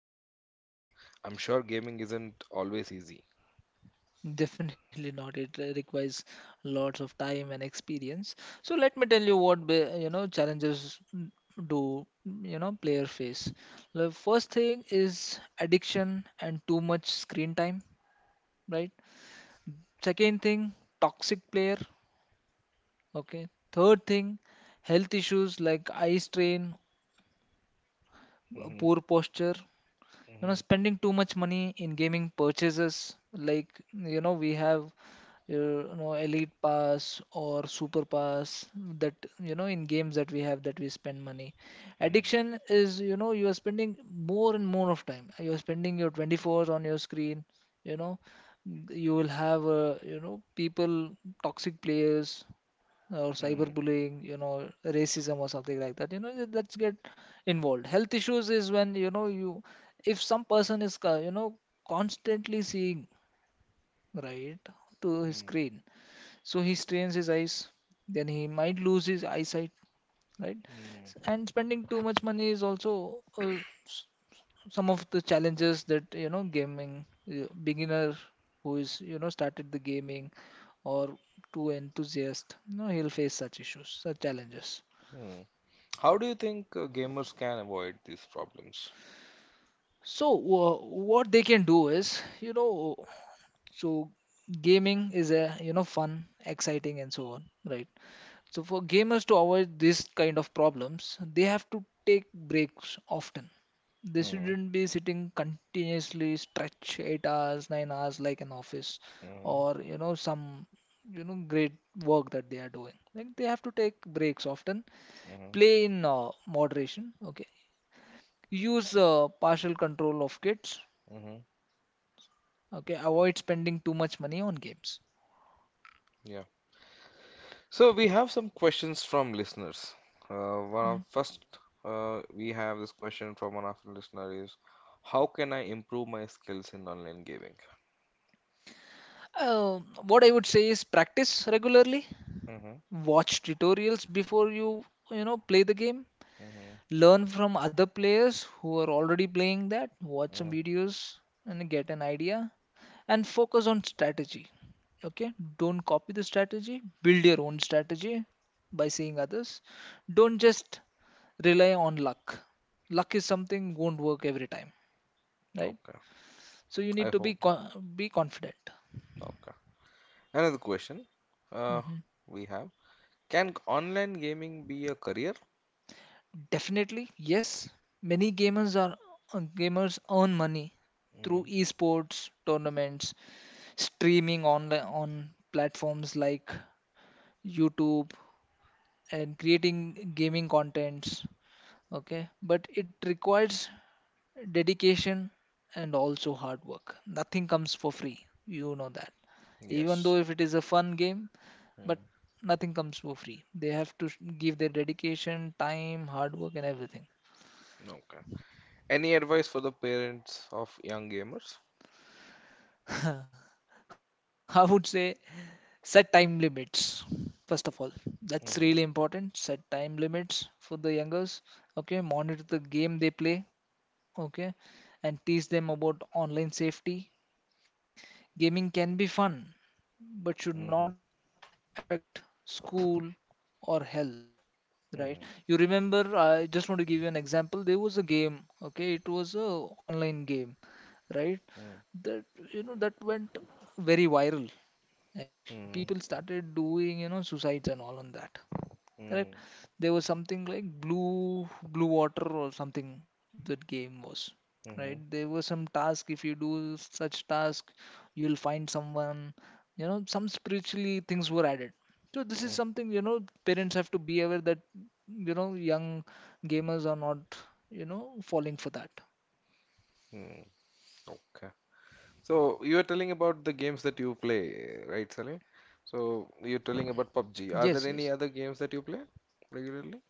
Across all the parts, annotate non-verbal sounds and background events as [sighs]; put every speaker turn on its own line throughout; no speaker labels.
players face? I'm sure gaming isn't always easy.
definitely not. It requires lots of time and experience. So let me tell you what challenges do player face. The first thing is addiction and too much screen time, right? Second thing, toxic player. Okay. Third thing, health issues like eye strain, poor
Mhm,
posture.
mhm,
Spending too much money in gaming purchases. Like we have your elite pass or super pass that in games that we have that we spend money.
mm,
Addiction is, you are spending more and more of time, you are spending your 24 on your screen. you know you will have people, toxic players, or
mm,
cyberbullying, racism or something like that, that's get involved. Health issues is when you, if some person is constantly seeing, right, to his
mm,
screen, so he strains his eyes, then he might lose his eyesight, right?
mm,
And spending too much money is also s- some of the challenges that gaming beginner who is started the gaming, or too enthusiast, he'll face such issues, such challenges.
mm. How do you think gamers can avoid these problems?
So what they can do is, so gaming is a fun, exciting and so on, right? So for gamers to avoid this kind of problems, they have to take breaks often. They
Mm-hmm.
shouldn't be sitting continuously stretch 8 hours, 9 hours, like an office
Mm-hmm.
or some great work that they are doing. Like they have to take breaks often,
Mm-hmm.
play in moderation, okay. Use partial control of kids,
Mm-hmm.
okay. Avoid spending too much money on games.
Yeah. So we have some questions from listeners. One of
Mm.
first, we have this question from one of the listener is, how can I improve my skills in online gaming?
What I would say is practice regularly,
Mm-hmm,
watch tutorials before you you know play the game,
mm-hmm,
learn from other players who are already playing that, watch some
mm-hmm.
videos and get an idea, and focus on strategy. Okay, don't copy the strategy, build your own strategy by seeing others. Don't just rely on luck. Luck is something won't work every time, right?
Okay,
So you
I
need to be
hope.
be confident.
Okay. Another question, uh,
Mhm.
we have, can online gaming be a career?
Definitely, yes. Many gamers are Gamers earn money
Mm,
through esports tournaments, streaming online on platforms like YouTube, and creating gaming contents. Okay, but it requires dedication and also hard work. Nothing comes for free. You know that. Even though
yes.
if it is a fun game, but
Mm,
nothing comes for free. They have to give their dedication, time, hard work, and everything.
okay. Any advice for the parents of young gamers?
[laughs] I would say set time limits. First of all, that's
Mm-hmm,
really important. Set time limits for the youngers. Okay, monitor the game they play. Okay, and teach them about online safety. Gaming can be fun, but
mm-hmm,
should not affect school or health.
mm-hmm,
Right? You remember? I just want to give you an example. There was a game. Okay, it was a online game, right?
mm-hmm,
That you know That went very viral. Actually people
mm-hmm,
started doing, suicides and all on that, correct. There was something like blue water or something that game was.
mm-hmm, mm-hmm,
Right, there was some task. If you do such task, you'll find someone, some spiritually things were added. So this is something parents have to be aware that young gamers are not falling for that.
mm-hmm. Okay. So you were telling about the games that you play, right, Salim? So you're telling about PUBG. Are
Yes,
there any
yes.
other games that you play regularly?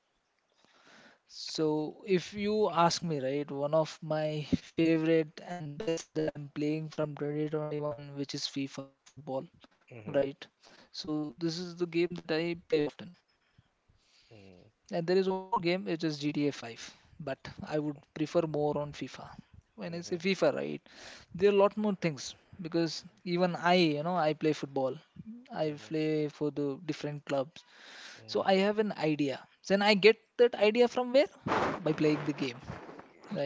So, if you ask me, right, one of my favorite and best that I'm playing from 2021, which is FIFA football, right?
Mhm,
So, this is the game that I play often.
mhm,
And there is one more game, which is GTA 5, but I would prefer more on FIFA. When I say
mhm,
FIFA, right, there are a lot more things, because even I play football. I
mhm,
play for the different clubs. So
mhm.
I have an idea. Then I get that idea from where? By playing the game,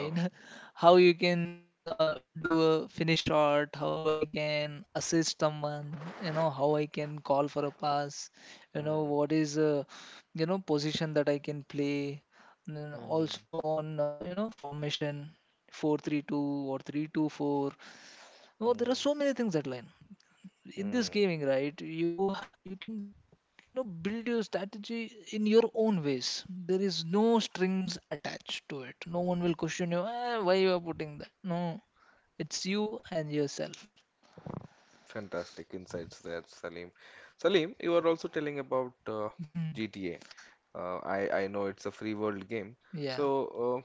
Oh,
[laughs] How you can do a finish shot, how I can assist someone, how I can call for a pass,
mhm,
what is position that I can play, and then
mhm,
also on formation. 4-3-2 or 3-2-4? Oh, there
mhm,
are so many things that line in this
mhm.
gaming, right? You you can build your strategy in your own ways. There is no strings attached to it. No one will question you, "Eh, why you are putting that? No, it's you and yourself."
Fantastic insights there, Salim. Salim, you were also telling about
[laughs] Mhm.
GTA. I know it's a free world game.
Yeah.
So, uh,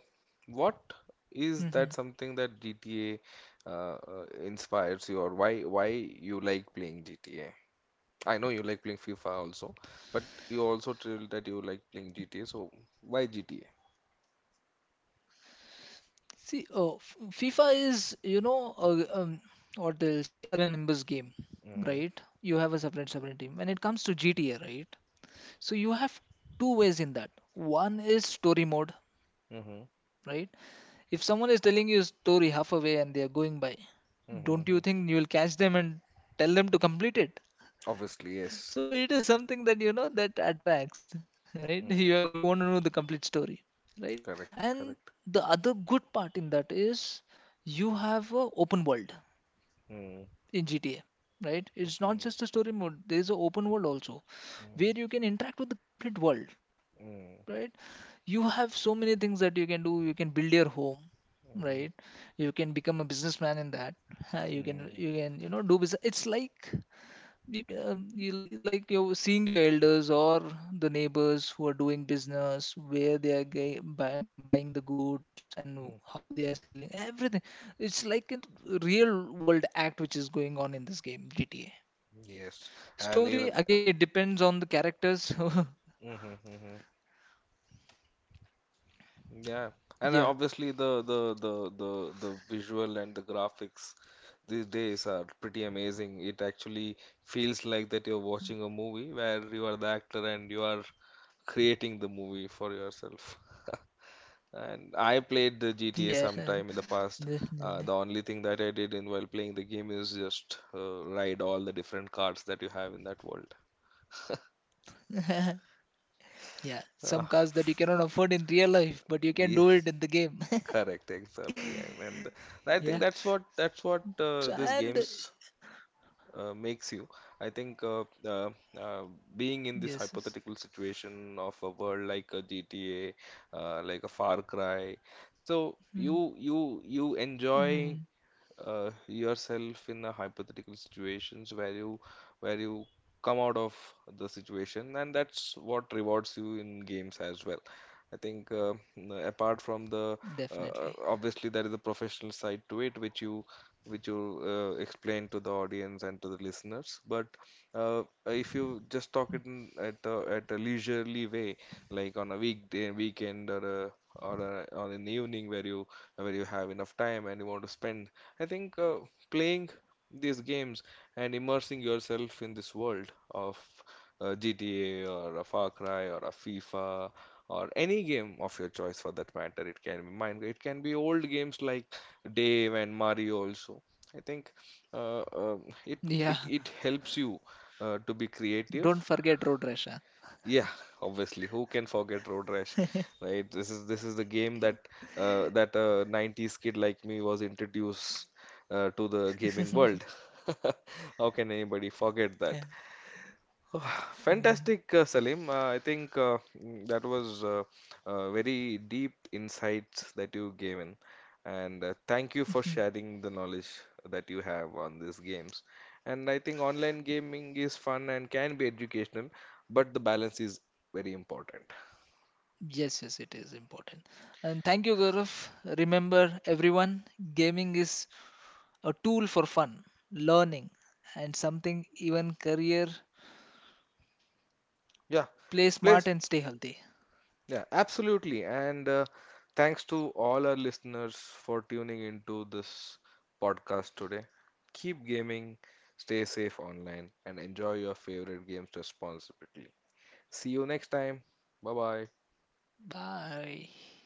what is
Hmm.
that something that GTA uh, uh, inspires you, or why you like playing GTA? I know you like playing FIFA also, but you also told that you like
Hmm.
playing GTA. So, why GTA?
See, oh, FIFA is, a, what they'll say, 11 members game,
Mm-hmm.
right? You have a separate team. When it comes to GTA, right? So you have two ways in that. One is story mode,
Mm-hmm.
right? If someone is telling you a story halfway and they are going by, don't
Mm-hmm.
you think you will catch them and tell them to complete it?
Obviously,
So it
yes.
is something that that attracts, right? You want to
Mm.
know the complete story, right? And
Correct,
the
correct.
other good part in that is you have a open world
Mm.
in GTA, right? It's not
Mm-hmm.
just a story mode. There is an open world also
Mm-hmm.
where you can interact with the complete world,
Mm-hmm.
right? You have so many things that you can do. You can build your home,
Mm-hmm.
right? You can become a businessman in that. Uh, you can
Mm.
you can you know do business. It's like you can like you're seeing your elders or the neighbors who are doing business, where they are buying the goods and
Mm.
how they are selling everything. It's like a real world act which is going on in this game, GTA.
Yes, and
Story
even
again, it depends on the characters. [laughs]
mm-hmm, mm-hmm, yeah, and
yeah,
obviously the visual and the graphics these days are pretty amazing. It actually feels like that you're watching a movie where you are the actor and you are creating the movie for yourself. [laughs] And I played the GTA
yeah.
sometime in the
[laughs]
past.
definitely.
The only thing that I did in while playing the game is just ride all the different cars that you have in that world.
[laughs] Yeah, some
Ah,
cars that you cannot afford in real life, but you can do
yes.
it in the game. [laughs]
Correct, exactly, and I think
yeah.
that's what
So,
these
and
games makes you. I think uh, being in this
yes, yes.
hypothetical situation of a world like a GTA, like a Far Cry, so
Mm,
you enjoy
mm.
yourself in a hypothetical situations where you come out of the situation, and that's what rewards you in games as well. I think apart from the
Definitely.
obviously there is a professional side to it which you explain to the audience and to the listeners. But if you just talk it
Mm.
in, at a leisurely way, like on a weekday, weekend, or or an evening where you have enough time and you want to spend. I think playing these games and immersing yourself in this world of GTA or a Far Cry or a FIFA or any game of your choice for that matter. It can be mine. It can be old games like Dave and Mario also. I think uh, um
Yeah.
it it helps you to be
Don't
creative.
forget Road Rash, huh?
Yeah, [laughs] obviously, who can forget Road
[laughs] yeah.
Rash, right? This is the game that that a 90s kid like me was introduced to the gaming world. [laughs] How can anybody forget that? [sighs] Oh,
Mm.
fantastic, Salim. I think that was very deep insights that you gave in, and thank you for
Mhm.
sharing the knowledge that you have on these games. And I think online gaming is fun and can be educational, but the balance is very important.
Yes, yes, it is important. And thank you, Gaurav. Remember, everyone, gaming is a tool for fun, learning, and something even career.
Yeah,
Play
please.
smart and stay healthy.
Yeah, absolutely. And thanks to all our listeners for tuning into this podcast today. Keep gaming, stay safe online, and enjoy your favorite games responsibly. See you next time. Bye bye.
Bye.